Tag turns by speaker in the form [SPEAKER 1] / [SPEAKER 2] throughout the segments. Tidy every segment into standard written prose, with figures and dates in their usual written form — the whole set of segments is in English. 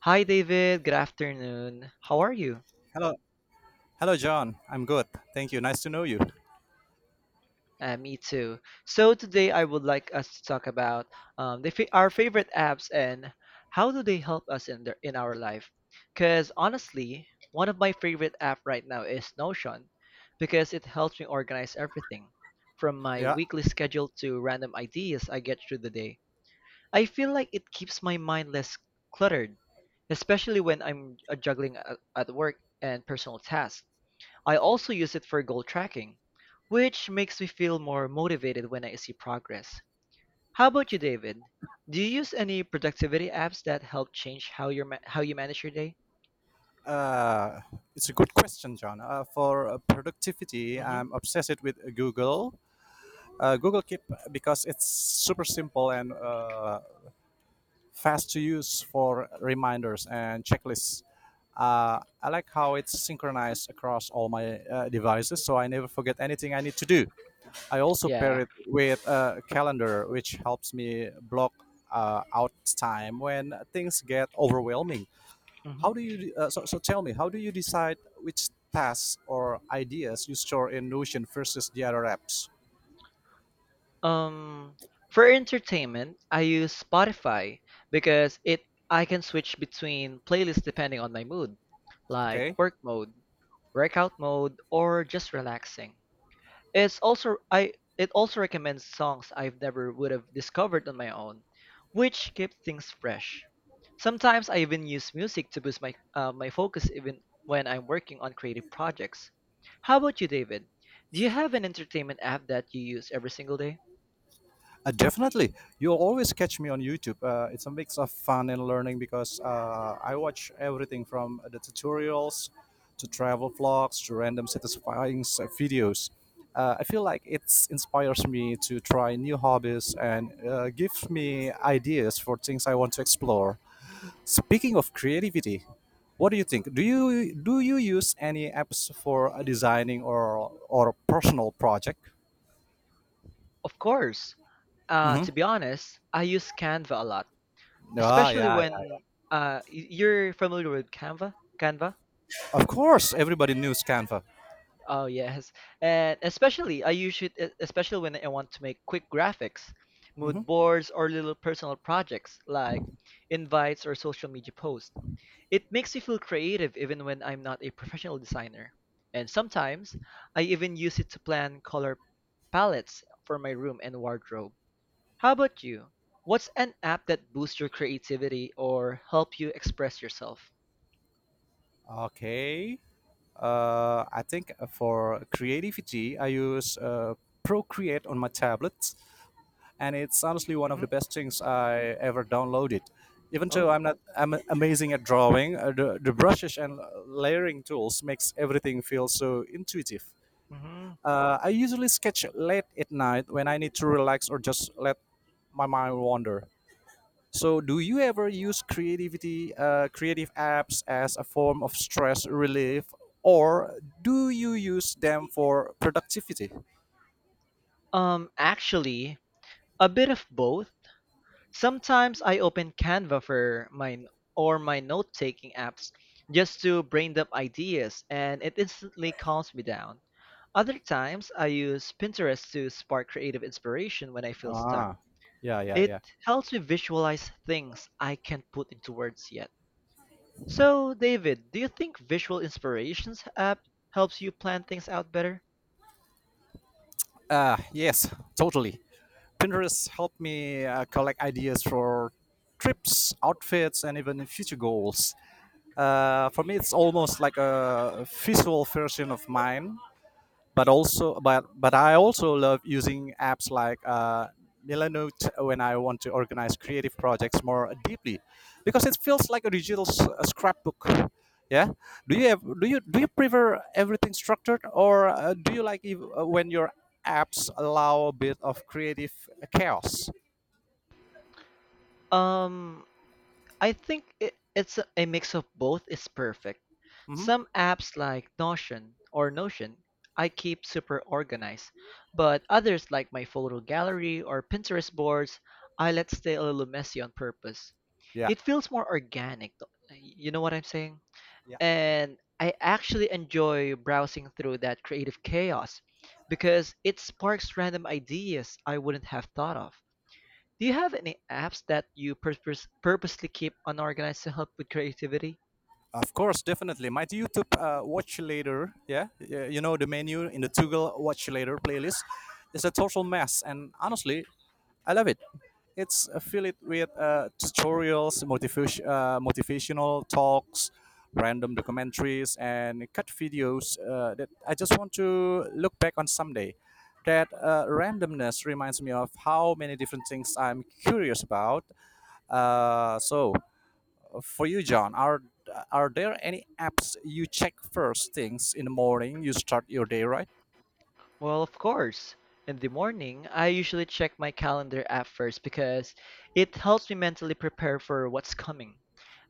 [SPEAKER 1] Hi David, good afternoon. How are you?
[SPEAKER 2] Hello, hello, John. I'm good. Thank you. Nice to know you.
[SPEAKER 1] Me too. So today I would like us to talk about our favorite apps and how do they help us in our life. Because honestly, one of my favorite app right now is Notion because it helps me organize everything from my
[SPEAKER 2] Yeah,
[SPEAKER 1] weekly schedule to random ideas I get through the day. I feel like it keeps my mind less cluttered, especially when I'm juggling at work and personal tasks. I also use it for goal tracking, which makes me feel more motivated when I see progress. How about you, David? Do you use any productivity apps that help change how you manage your day?
[SPEAKER 2] uh, it's a good question, John. For productivity,
[SPEAKER 1] Hmm.
[SPEAKER 2] I'm obsessed with Google. Google Keep because it's super simple and fast to use for reminders and checklists. I like how it's synchronized across all my devices, so I never forget anything I need to do. I also
[SPEAKER 1] Yeah.
[SPEAKER 2] pair it with a calendar, which helps me block out time when things get overwhelming.
[SPEAKER 1] Hmm.
[SPEAKER 2] How do you? So tell me, how do you decide which tasks or ideas you store in Notion versus the other apps?
[SPEAKER 1] Um, for entertainment, I use Spotify because it I can switch between playlists depending on my mood, like
[SPEAKER 2] Okay.
[SPEAKER 1] work mode, workout mode, or just relaxing. It's also I it also recommends songs I've never would have discovered on my own, which keep things fresh. Sometimes I even use music to boost my my focus even when I'm working on creative projects. How about you, David? Do you have an entertainment app that you use every single day?
[SPEAKER 2] Definitely, you'll always catch me on YouTube. It's a mix of fun and learning because I watch everything from the tutorials to travel vlogs to random satisfying videos. I feel like it inspires me to try new hobbies and gives me ideas for things I want to explore. Speaking of creativity, what do you think? Do you use any apps for designing or personal project?
[SPEAKER 1] Of course.
[SPEAKER 2] Mm-hmm.
[SPEAKER 1] To be honest, I use Canva a lot.
[SPEAKER 2] Ah,
[SPEAKER 1] Especially
[SPEAKER 2] yeah, yeah.
[SPEAKER 1] when you're familiar with Canva.
[SPEAKER 2] Of course, everybody knew Canva.
[SPEAKER 1] Oh yes, and especially especially when I want to make quick graphics,
[SPEAKER 2] Mhm.
[SPEAKER 1] mood boards, or little personal projects like invites or social media posts. It makes me feel creative even when I'm not a professional designer. And sometimes I even use it to plan color palettes for my room and wardrobe. How about you? What's an app that boosts your creativity or help you express yourself?
[SPEAKER 2] Okay. I think for creativity, I use Procreate on my tablet, and it's honestly one of
[SPEAKER 1] Hmm.
[SPEAKER 2] the best things I ever downloaded. Even though
[SPEAKER 1] Oh.
[SPEAKER 2] I'm not I'm amazing at drawing, the brushes and layering tools makes everything feel so intuitive.
[SPEAKER 1] Hmm.
[SPEAKER 2] I usually sketch late at night when I need to relax or just let my mind wander. So, do you ever use creative apps as a form of stress relief, or do you use them for productivity?
[SPEAKER 1] Actually, a bit of both. Sometimes I open Canva for my or my note-taking apps just to brain dump ideas, and it instantly calms me down. Other times, I use Pinterest to spark creative inspiration when I feel stuck.
[SPEAKER 2] Ah, yeah, yeah,
[SPEAKER 1] It
[SPEAKER 2] yeah.
[SPEAKER 1] helps me visualize things I can't put into words yet. So, David, do you think visual inspirations app helps you plan things out better?
[SPEAKER 2] Yes, totally. Pinterest helped me collect ideas for trips, outfits, and even future goals. For me, it's almost like a visual version of mine. But I also love using apps like Milanote when I want to organize creative projects more deeply because it feels like a digital a scrapbook. Yeah. Do you prefer everything structured, or do you like if, when your apps allow a bit of creative chaos?
[SPEAKER 1] Um, I think it's a mix of both is perfect.
[SPEAKER 2] Hmm.
[SPEAKER 1] Some apps like Notion I keep super organized, but others like my photo gallery or Pinterest boards I let stay a little messy on purpose.
[SPEAKER 2] Yeah,
[SPEAKER 1] It feels more organic, you know what I'm saying?
[SPEAKER 2] yeah.
[SPEAKER 1] And I actually enjoy browsing through that creative chaos because it sparks random ideas I wouldn't have thought of. Do you have any apps that you purposely keep unorganized to help with creativity?
[SPEAKER 2] Of course, definitely my YouTube watch later. Yeah, you know, the menu in the toggle watch later playlist is a total mess, and honestly I love it. It's fill it with tutorials, motivational talks, random documentaries, and cut videos that I just want to look back on someday. That randomness reminds me of how many different things I'm curious about. So, for you, John, are there any apps you check first things in the morning? You start your day right?
[SPEAKER 1] Well, of course. In the morning, I usually check my calendar app first because it helps me mentally prepare for what's coming.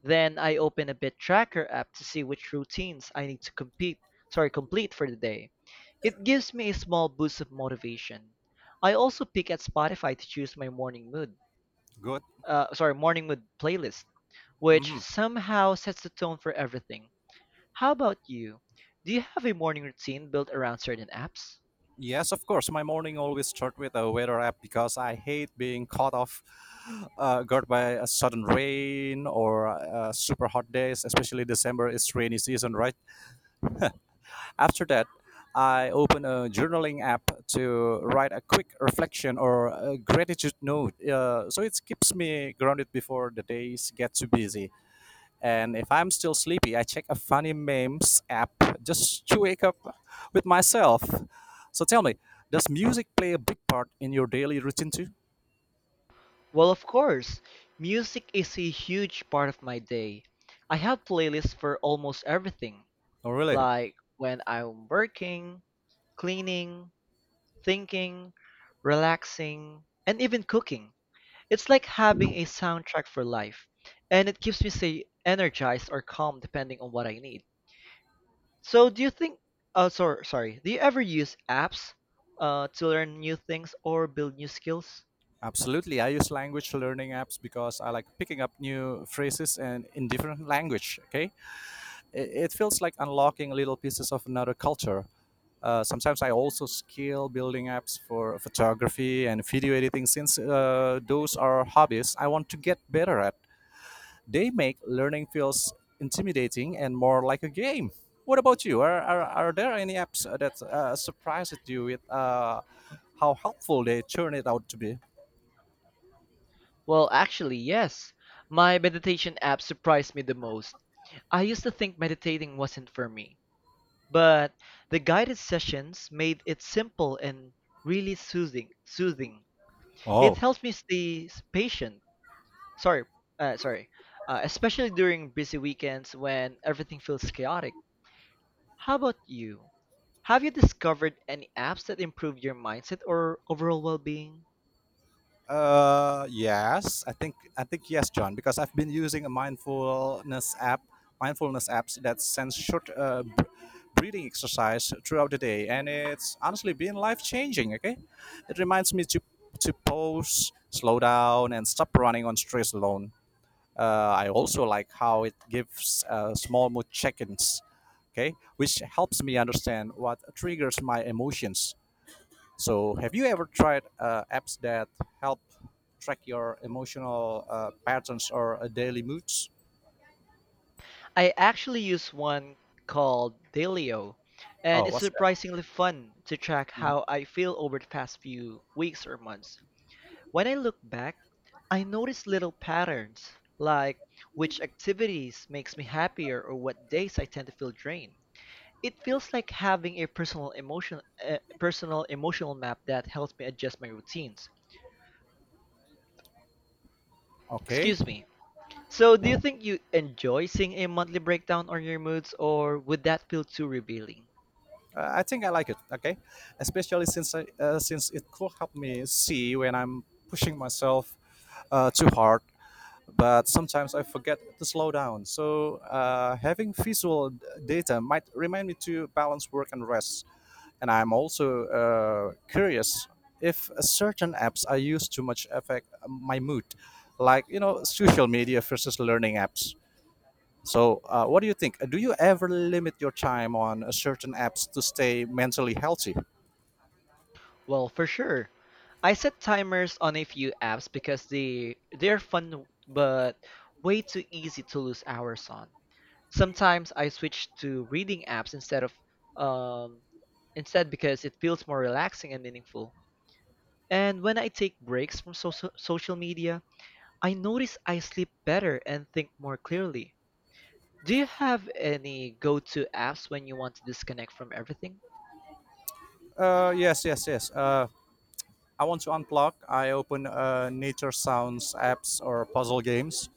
[SPEAKER 1] Then I open a bit tracker app to see which routines I need to complete for the day. It gives me a small boost of motivation. I also pick at Spotify to choose my
[SPEAKER 2] Good.
[SPEAKER 1] morning mood playlist, which
[SPEAKER 2] Mhm.
[SPEAKER 1] somehow sets the tone for everything. How about you? Do you have a morning routine built around certain apps?
[SPEAKER 2] Yes, of course. My morning always start with a weather app because I hate being caught off guard by a sudden rain or super hot days, especially December is rainy season, right? After that, I open a journaling app to write a quick reflection or a gratitude note. So it keeps me grounded before the days get too busy. And if I'm still sleepy, I check a funny memes app just to wake up with myself. So tell me, does music play a big part in your daily routine too?
[SPEAKER 1] Well, of course, music is a huge part of my day. I have playlists for almost everything,
[SPEAKER 2] Oh, really?
[SPEAKER 1] like when I'm working, cleaning, thinking, relaxing, and even cooking. It's like having a soundtrack for life, and it keeps me say energized or calm depending on what I need. So, do you think? Sorry, sorry. Do you ever use apps to learn new things or build new skills?
[SPEAKER 2] Absolutely. I use language learning apps because I like picking up new phrases and in different language. Okay, it feels like unlocking little pieces of another culture. Sometimes I also skill building apps for photography and video editing since those are hobbies I want to get better at. They make learning feels intimidating and more like a game. What about you? Are there any apps that surprised you with how helpful they turn it out to be?
[SPEAKER 1] Well, actually, yes. My meditation app surprised me the most. I used to think meditating wasn't for me, but the guided sessions made it simple and really Soothing. It
[SPEAKER 2] Oh.
[SPEAKER 1] helps me stay patient. Sorry, sorry. Especially during busy weekends when everything feels chaotic. How about you? Have you discovered any apps that improve your mindset or overall well-being?
[SPEAKER 2] Yes, I think yes, John, because I've been using mindfulness apps that sends short breathing exercise throughout the day, and it's honestly been life changing. Okay, it reminds me to pause, slow down, and stop running on stress alone. I also like how it gives small mood check-ins, okay, which helps me understand what triggers my emotions. So, have you ever tried apps that help track your emotional patterns or daily moods?
[SPEAKER 1] I actually use one called Dailyo, and
[SPEAKER 2] Oh,
[SPEAKER 1] it's
[SPEAKER 2] what's that?
[SPEAKER 1] surprisingly fun to track
[SPEAKER 2] Mhm.
[SPEAKER 1] how I feel over the past few weeks or months. When I look back, I notice little patterns, like which activities makes me happier or what days I tend to feel drained. It feels like having a personal emotion personal emotional map that helps me adjust my routines.
[SPEAKER 2] Okay,
[SPEAKER 1] Excuse me. So, do you think you enjoy seeing a monthly breakdown on your moods or would that feel too revealing?
[SPEAKER 2] I think I like it. Okay, especially since since it could help me see when I'm pushing myself too hard, but sometimes I forget to slow down. So having visual data might remind me to balance work and rest. And I'm also curious if certain apps I use too much affect my mood, like social media versus learning apps. So what do you think? Do you ever limit your time on certain apps to stay mentally healthy?
[SPEAKER 1] Well, for sure. I set timers on a few apps because they're fun but way too easy to lose hours on. Sometimes I switch to reading apps instead of um instead because it feels more relaxing and meaningful. And when I take breaks from social media, I notice I sleep better and think more clearly. Do you have any go-to apps when you want to disconnect from everything?
[SPEAKER 2] Yes, yes, yes. I want to unplug. I open nature sounds apps or puzzle games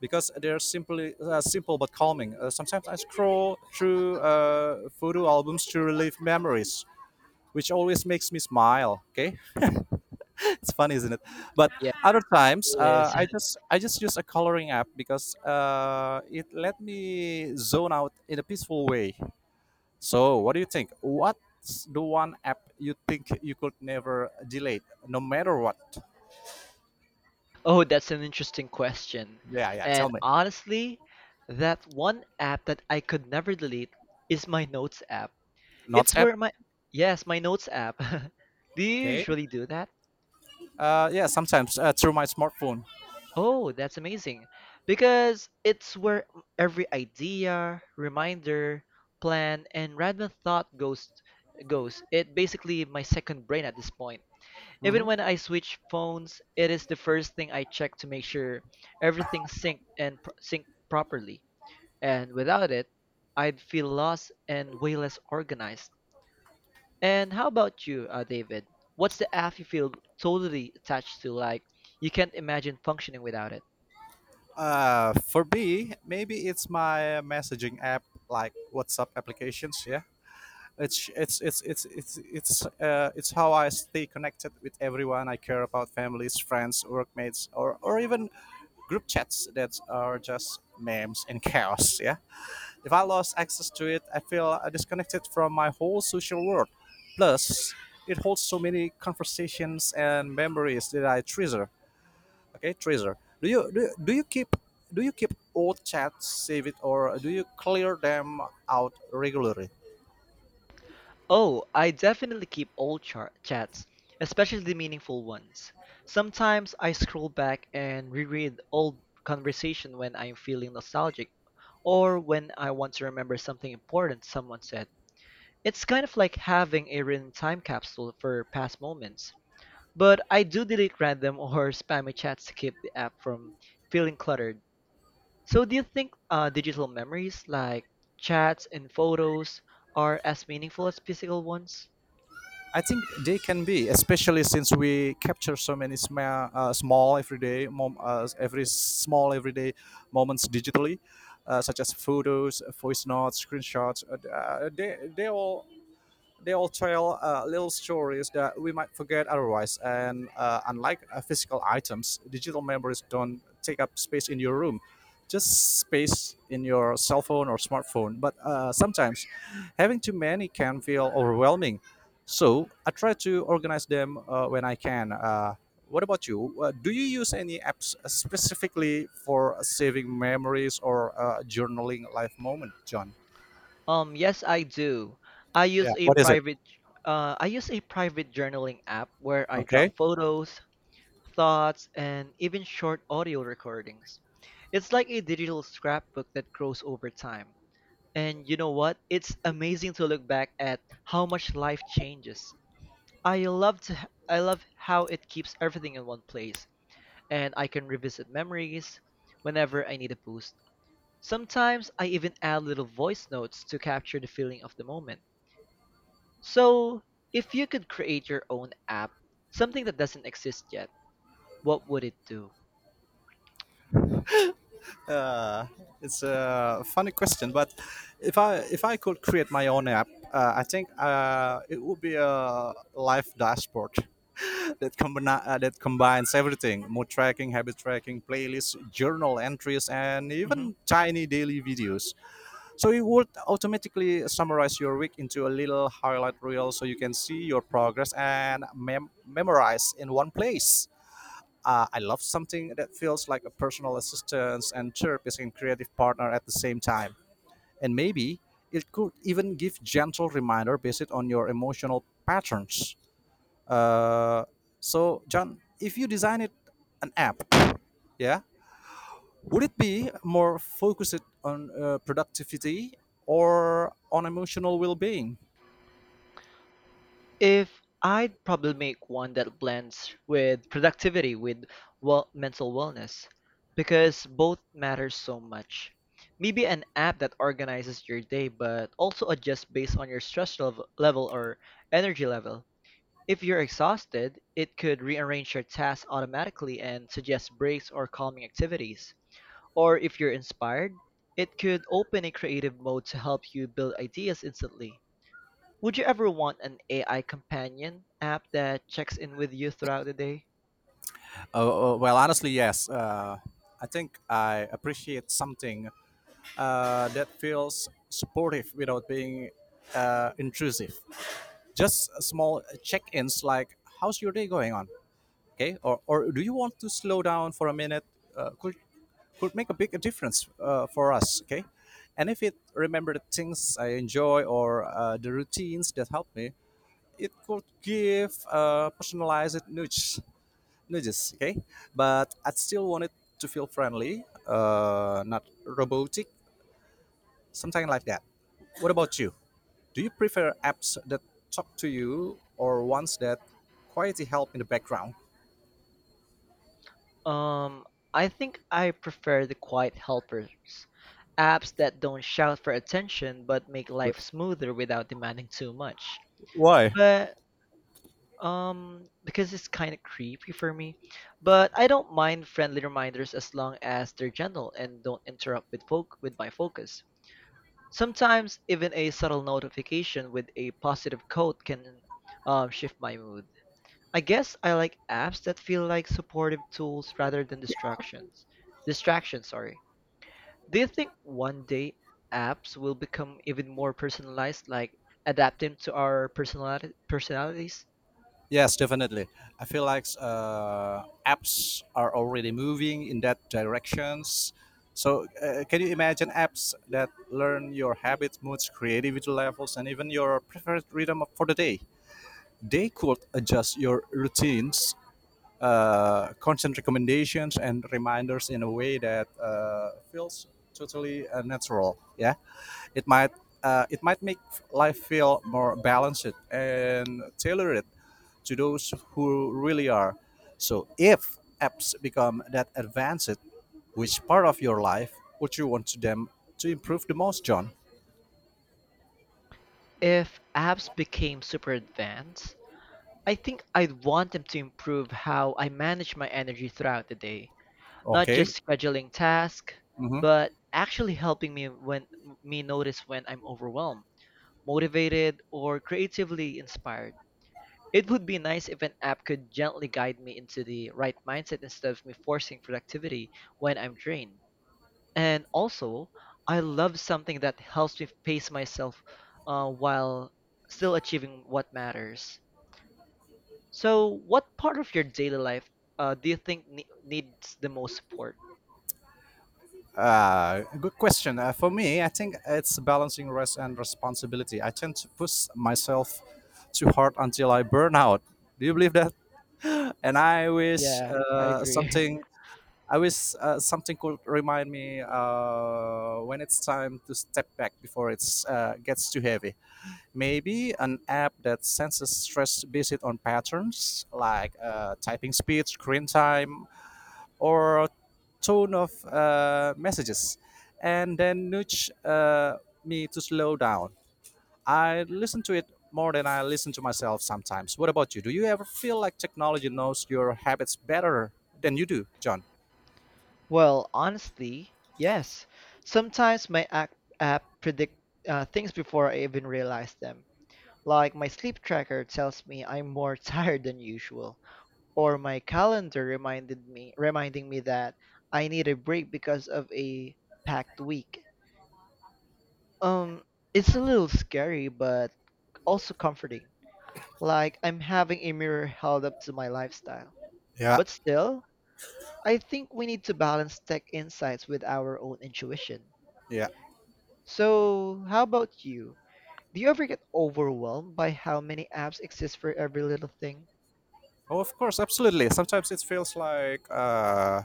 [SPEAKER 2] because they're simply simple but calming. Sometimes I scroll through photo albums to relive memories, which always makes me smile. Okay. It's funny, isn't it? But
[SPEAKER 1] Yeah,
[SPEAKER 2] other times,
[SPEAKER 1] it is.
[SPEAKER 2] I just use a coloring app because it let me zone out in a peaceful way. So, what do you think? What's the one app you think you could never delete, no matter what?
[SPEAKER 1] Oh, that's an interesting question.
[SPEAKER 2] Yeah, yeah. Tell
[SPEAKER 1] And
[SPEAKER 2] me.
[SPEAKER 1] honestly, that one app that I could never delete is my notes app.
[SPEAKER 2] Notes
[SPEAKER 1] It's
[SPEAKER 2] app.
[SPEAKER 1] where my Yes, my notes app. Do you
[SPEAKER 2] Okay.
[SPEAKER 1] usually do that?
[SPEAKER 2] Yeah, sometimes through my smartphone.
[SPEAKER 1] Oh, that's amazing. Because it's where every idea, reminder, plan, and random thought goes. It basically my second brain at this point. Even
[SPEAKER 2] Mhm.
[SPEAKER 1] when I switch phones, it is the first thing I check to make sure everything synced properly. And without it, I'd feel lost and way less organized. And how about you, David? What's the app you feel totally attached to? Like you can't imagine functioning without it.
[SPEAKER 2] For me, maybe it's my messaging app, like WhatsApp applications. Yeah, it's how I stay connected with everyone I care about, families, friends, workmates, or even group chats that are just memes and chaos. Yeah, if I lost access to it, I feel disconnected from my whole social world. Plus, it holds so many conversations and memories that I treasure. Okay, treasure. Do you keep old chats, save it, or do you clear them out regularly?
[SPEAKER 1] Oh, I definitely keep chats, especially the meaningful ones. Sometimes I scroll back and reread old conversation when I'm feeling nostalgic or when I want to remember something important someone said. It's kind of like having a written time capsule for past moments. But I do delete random or spammy chats to keep the app from feeling cluttered. So do you think digital memories like chats and photos are as meaningful as physical ones?
[SPEAKER 2] I think they can be, especially since we capture so many small everyday moments digitally, such as photos, voice notes, screenshots. They all tell little stories that we might forget otherwise. And unlike physical items, digital memories don't take up space in your room, just space in your cell phone or smartphone. But sometimes having too many can feel overwhelming. So I try to organize them when I can. What about you? Do you use any apps specifically for saving memories or journaling life moment, John?
[SPEAKER 1] Yes, I do. I
[SPEAKER 2] Yeah.
[SPEAKER 1] use a
[SPEAKER 2] What is it?
[SPEAKER 1] private I use a private journaling app where I drop
[SPEAKER 2] Okay.
[SPEAKER 1] photos, thoughts, and even short audio recordings. It's like a digital scrapbook that grows over time. And you know what? It's amazing to look back at how much life changes. I love how it keeps everything in one place and I can revisit memories whenever I need a boost. Sometimes I even add little voice notes to capture the feeling of the moment. So, if you could create your own app, something that doesn't exist yet, what would it do?
[SPEAKER 2] Uh, it's a funny question, but if I could create my own app, I think it would be a life dashboard that that combines everything: mood tracking, habit tracking, playlists, journal entries, and
[SPEAKER 1] Hmm.
[SPEAKER 2] even tiny daily videos. So it would automatically summarize your week into a little highlight reel, so you can see your progress and memorize in one place. I love something that feels like a personal assistant and therapist and creative partner at the same time. And maybe it could even give gentle reminder based on your emotional patterns. Uh, so, John, if you design it an app, yeah, would it be more focused on productivity or on emotional well-being?
[SPEAKER 1] If I'd probably make one that blends with productivity with well mental wellness because both matter so much. Maybe an app that organizes your day but also adjusts based on your level or energy level. If you're exhausted, it could rearrange your tasks automatically and suggest breaks or calming activities. Or if you're inspired, it could open a creative mode to help you build ideas instantly. Would you ever want an AI companion app that checks in with you throughout the day?
[SPEAKER 2] Well, honestly, yes. I think I appreciate something that feels supportive without being intrusive. Just small check-ins like, "How's your day going on?" Okay, or do you want to slow down for a minute? Uh, could could make a big difference for us. Okay, and if it remember the things I enjoy or the routines that help me, it could give personalized nudges. Okay, but I still want it to feel friendly, not robotic. Something like that. What about you? Do you prefer apps that talk to you or ones that quietly help in the background?
[SPEAKER 1] Um, I think I prefer the quiet helpers, apps that don't shout for attention but make life smoother without demanding too much.
[SPEAKER 2] Why?
[SPEAKER 1] But because it's kind of creepy for me. But I don't mind friendly reminders as long as they're gentle and don't interrupt with my focus. Sometimes even a subtle notification with a positive quote can shift my mood. I guess I like apps that feel like supportive tools rather than distractions. Distractions, sorry. Do you think one day apps will become even more personalized, like adapting to our personality personalities?
[SPEAKER 2] Yes, definitely. I feel like apps are already moving in that directions. So, can you imagine apps that learn your habits, moods, creativity levels, and even your preferred rhythm for the day? They could adjust your routines, content recommendations and reminders in a way that feels totally natural. Yeah, it might it might make life feel more balanced and tailored to those who really are. So if apps become that advanced, which part of your life would you want them to improve the most, John?
[SPEAKER 1] If apps became super advanced, I think I'd want them to improve how I manage my energy throughout the day, not just
[SPEAKER 2] Okay.
[SPEAKER 1] scheduling tasks,
[SPEAKER 2] Mm-hmm.
[SPEAKER 1] but actually helping me when me notice when I'm overwhelmed, motivated, or creatively inspired. It would be nice if an app could gently guide me into the right mindset instead of me forcing productivity when I'm drained. And also, I love something that helps me pace myself while still achieving what matters. So, what part of your daily life do you think needs the most support?
[SPEAKER 2] Good question. For me, I think it's balancing rest and responsibility. I tend to push myself too hard until I burn out. Do you believe that? And I wish
[SPEAKER 1] Yeah, I agree.
[SPEAKER 2] something. I wish something could remind me when it's time to step back before it gets too heavy. Maybe an app that senses stress based on patterns like typing speed, screen time, or tone of messages, and then nudge me to slow down. I listen to it more than I listen to myself sometimes. What about you? Do you ever feel like technology knows your habits better than you do, John?
[SPEAKER 1] Well, honestly, yes. Sometimes my app predict things before I even realize them. Like my sleep tracker tells me I'm more tired than usual, or my calendar reminded me reminding me that I need a break because of a packed week. Um, it's a little scary but also comforting. Like I'm having a mirror held up to my lifestyle.
[SPEAKER 2] Yeah,
[SPEAKER 1] But still, I think we need to balance tech insights with our own intuition.
[SPEAKER 2] yeah.
[SPEAKER 1] So, how about you? Do you ever get overwhelmed by how many apps exist for every little thing?
[SPEAKER 2] Oh, of course, absolutely. Sometimes it feels like uh,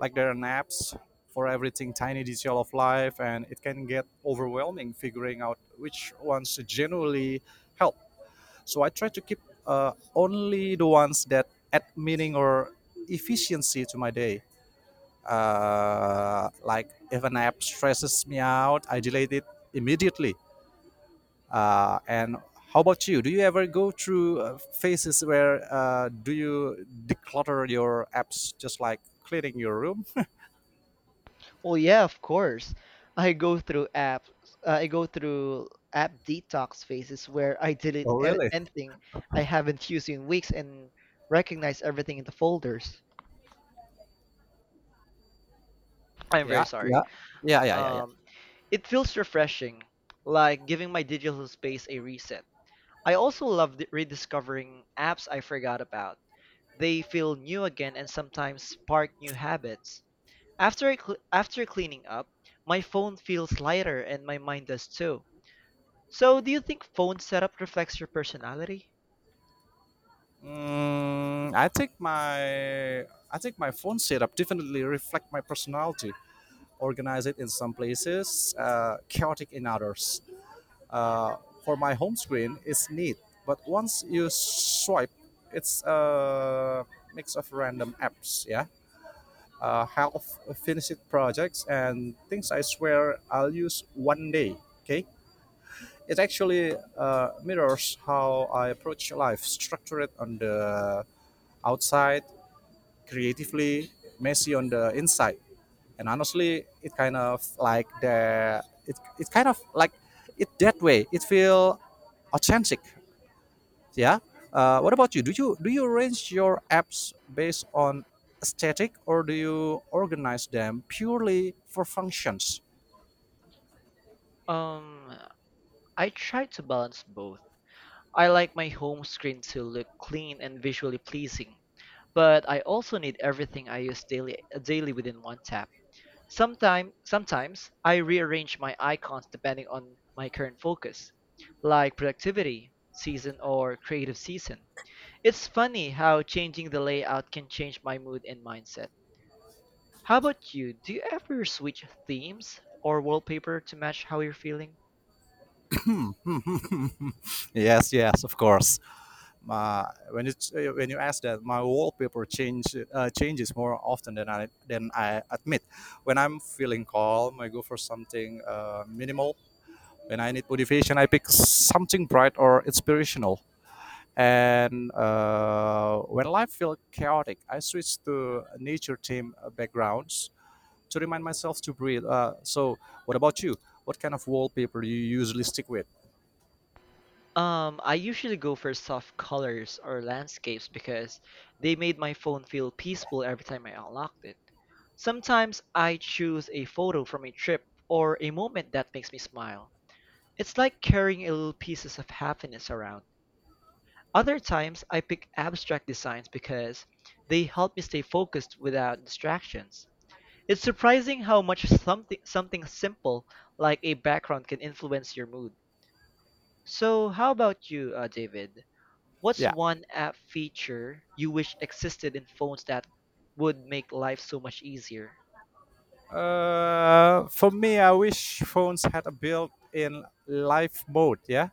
[SPEAKER 2] like there are naps for everything tiny detail of life, and it can get overwhelming figuring out which ones to genuinely help. So I try to keep only the ones that add meaning or efficiency to my day. Like if an app stresses me out, I delete it immediately. And how about you? Do you ever go through phases where do you declutter your apps just like cleaning your room?
[SPEAKER 1] Well, yeah, of course. I go through apps. I go through app detox phases where I delete
[SPEAKER 2] Oh, really?
[SPEAKER 1] anything I haven't used in weeks and recognize everything in the folders. I'm very
[SPEAKER 2] Yeah,
[SPEAKER 1] sorry.
[SPEAKER 2] yeah, yeah, yeah, yeah, yeah.
[SPEAKER 1] Um, it feels refreshing, like giving my digital space a reset. I also love rediscovering apps I forgot about. They feel new again and sometimes spark new habits. After cleaning up, my phone feels lighter and my mind does too. So, do you think phone setup reflects your personality?
[SPEAKER 2] Mm, I think my phone setup definitely reflect my personality. Organized in some places, chaotic in others. Uh, for my home screen, it's neat, but once you swipe, it's a mix of random apps. Yeah, half finished projects and things I swear I'll use one day. Okay, it actually mirrors how I approach life, structure it on the outside, creatively messy on the inside, and honestly it, it kind of like it that way. It feel authentic. Yeah. What about you? Do you arrange your apps based on aesthetic, or do you organize them purely for functions?
[SPEAKER 1] Um, I try to balance both. I like my home screen to look clean and visually pleasing, but I also need everything I use daily within one tap. Sometimes I rearrange my icons depending on my current focus, like productivity, season, or creative season. It's funny how changing the layout can change my mood and mindset. How about you? Do you ever switch themes or wallpaper to match how you're feeling?
[SPEAKER 2] Yes, yes, of course. My when it's When you ask that, my wallpaper change, changes more often than I admit. When I'm feeling calm, I go for something minimal. When I need motivation, I pick something bright or inspirational. And when life feels chaotic, I switch to nature theme backgrounds to remind myself to breathe. So, what about you? What kind of wallpaper do you usually stick with?
[SPEAKER 1] I usually go for soft colors or landscapes because they made my phone feel peaceful every time I unlocked it. Sometimes I choose a photo from a trip or a moment that makes me smile. It's like carrying a little pieces of happiness around. Other times I pick abstract designs because they help me stay focused without distractions. It's surprising how much something simple like a background can influence your mood. So, how about you, David? What's
[SPEAKER 2] Yeah.
[SPEAKER 1] one app feature you wish existed in phones that would make life so much easier?
[SPEAKER 2] For me, I wish phones had a built-in life mode. Yeah,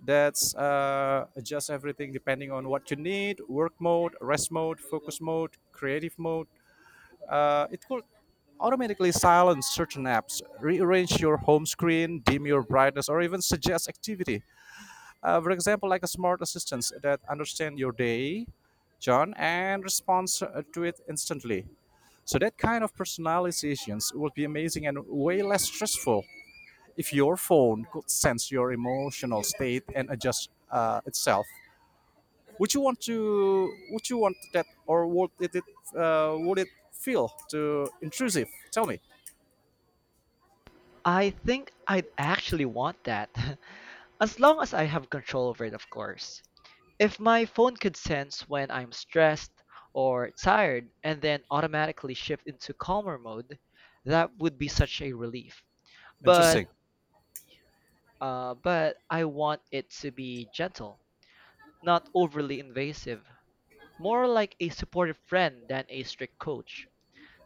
[SPEAKER 2] that's adjust everything depending on what you need: work mode, rest mode, focus mode, creative mode. It could automatically silence certain apps, rearrange your home screen, dim your brightness, or even suggest activity. For example, like a smart assistant that understands your day, John, and responds to it instantly. So that kind of personalizations would be amazing and way less stressful if your phone could sense your emotional state and adjust itself. Would you want to? Would you want that, or would it? Would it feel too intrusive? Tell me.
[SPEAKER 1] I think I'd actually want that. As long as I have control over it, of course. If my phone could sense when I'm stressed or tired and then automatically shift into calmer mode, that would be such a relief. But
[SPEAKER 2] Interesting.
[SPEAKER 1] but I want it to be gentle, not overly invasive, more like a supportive friend than a strict coach.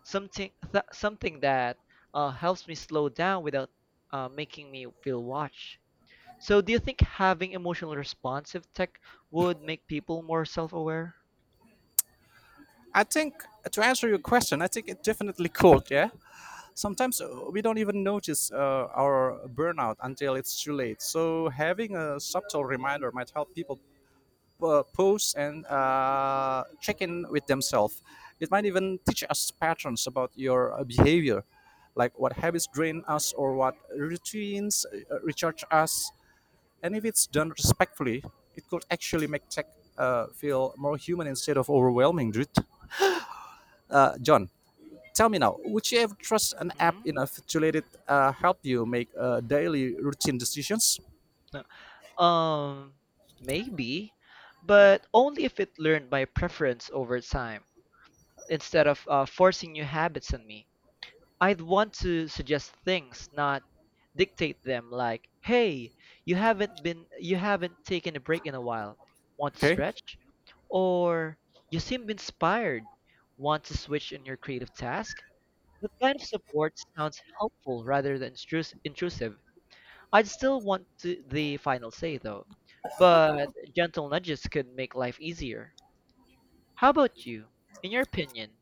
[SPEAKER 1] Something that helps me slow down without making me feel watched. So, do you think having emotional responsive tech would make people more self-aware?
[SPEAKER 2] I think to answer your question, I think it definitely could. Yeah. Sometimes we don't even notice our burnout until it's too late. So having a subtle reminder might help people pause and check in with themselves. It might even teach us patterns about your behavior, like what habits drain us or what routines recharge us. And if it's done respectfully, it could actually make tech feel more human instead of overwhelming, dude. John, tell me now, would you ever trust an app
[SPEAKER 1] Hmm?
[SPEAKER 2] enough to let it help you make daily routine decisions?
[SPEAKER 1] No. Um, maybe, but only if it learned my preference over time, instead of forcing new habits on me. I'd want to suggest things, not dictate them like, "Hey, you haven't taken a break in a while. Want to
[SPEAKER 2] Okay.
[SPEAKER 1] stretch?" Or, "You seem inspired. Want to switch in your creative task?" That kind of support sounds helpful rather than intrusive. I'd still want to, the final say though, but gentle nudges could make life easier. How about you? In your opinion,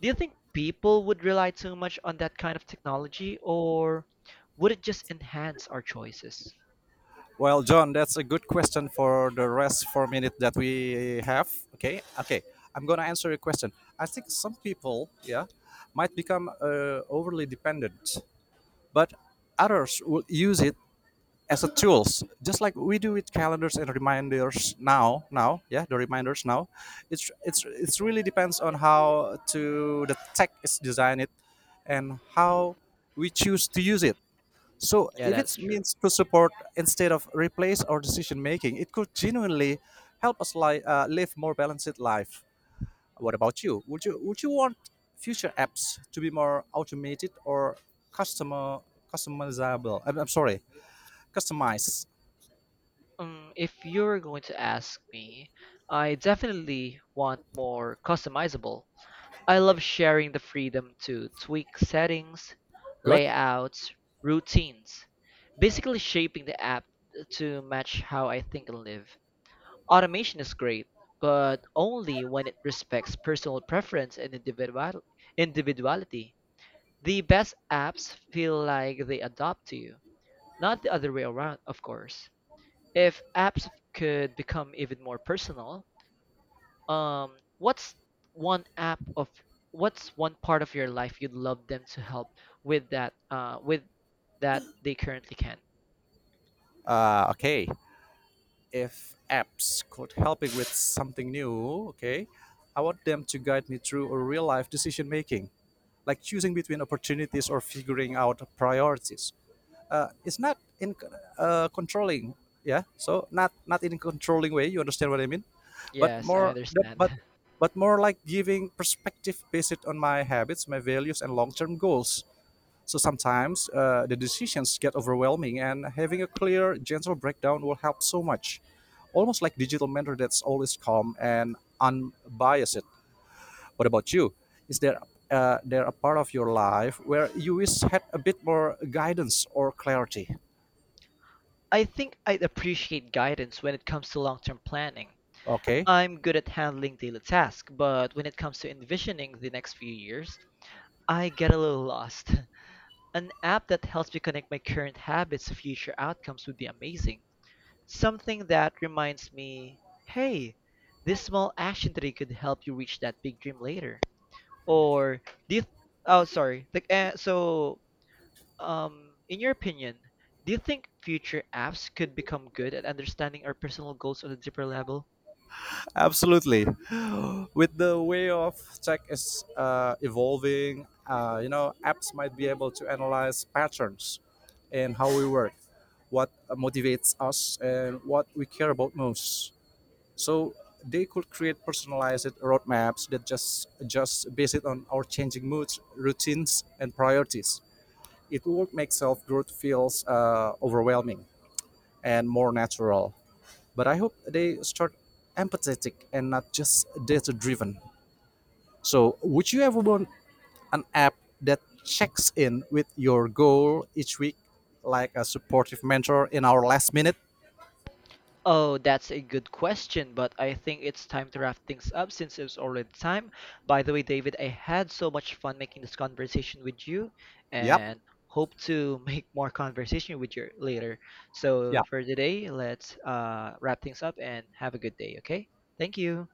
[SPEAKER 1] do you think people would rely too much on that kind of technology or would it just enhance our choices?
[SPEAKER 2] Well, John, that's a good question for the rest 4 minutes that we have. Okay, okay, I'm gonna answer your question. I think some people, yeah, might become overly dependent, but others will use it as a tools, just like we do with calendars and reminders now. Now, yeah, the reminders now. It's really depends on how to the tech is designed it, and
[SPEAKER 1] Mhm.
[SPEAKER 2] how we choose to use it. So
[SPEAKER 1] Yeah,
[SPEAKER 2] if
[SPEAKER 1] that's
[SPEAKER 2] it
[SPEAKER 1] true.
[SPEAKER 2] means to support instead of replace our decision making, it could genuinely help us live more balanced life. What about you? Would you want future apps to be more automated or customer customizable? I'm sorry, customized.
[SPEAKER 1] If you're going to ask me, I definitely want more customizable. I love sharing the freedom to tweak settings,
[SPEAKER 2] Good.
[SPEAKER 1] layouts, routines, basically shaping the app to match how I think and live. Automation is great, but only when it respects personal preference and individuality. The best apps feel like they adapt to you, not the other way around, of course. If apps could become even more personal, um, what's one app of what's one part of your life you'd love them to help with that they currently can?
[SPEAKER 2] Okay. If apps could help me with something new, okay, I want them to guide me through a real life decision making, like choosing between opportunities or figuring out priorities. It's not in controlling yeah so Not in controlling way, you understand what I mean? but
[SPEAKER 1] Yes,
[SPEAKER 2] more
[SPEAKER 1] I
[SPEAKER 2] the-
[SPEAKER 1] understand.
[SPEAKER 2] but but more like giving perspective based on my habits, my values, and long-term goals. So sometimes the decisions get overwhelming, and having a clear gentle breakdown will help so much, almost like digital mentor that's always calm and unbiased. What about you? Is there a part of your life where you wish had a bit more guidance or clarity?
[SPEAKER 1] I think I'd appreciate guidance when it comes to long-term planning.
[SPEAKER 2] Okay,
[SPEAKER 1] I'm good at handling daily tasks, but when it comes to envisioning the next few years, I get a little lost. An app that helps me connect my current habits to future outcomes would be amazing. Something that reminds me, hey, this small action today could help you reach that big dream later. Or, do you, th- oh, sorry. Like, so, In your opinion, do you think future apps could become good at understanding our personal goals on a deeper level?
[SPEAKER 2] absolutely. With the way of tech is evolving, you know, apps might be able to analyze patterns in how we work, what motivates us, and what we care about most. So they could create personalized roadmaps that just based it on our changing moods, routines, and priorities. It would make self growth feels overwhelming and more natural, but I hope they start empathetic and not just data driven. So, would you ever want an app that checks in with your goal each week, like a supportive mentor in our last minute?
[SPEAKER 1] Oh, that's a good question, but I think it's time to wrap things up since it's already time. By the way, David, I had so much fun making this conversation with you
[SPEAKER 2] Yep.
[SPEAKER 1] and hope to make more conversation with you later. So
[SPEAKER 2] Yeah.
[SPEAKER 1] for today, let's wrap things up and have a good day, okay? Thank you.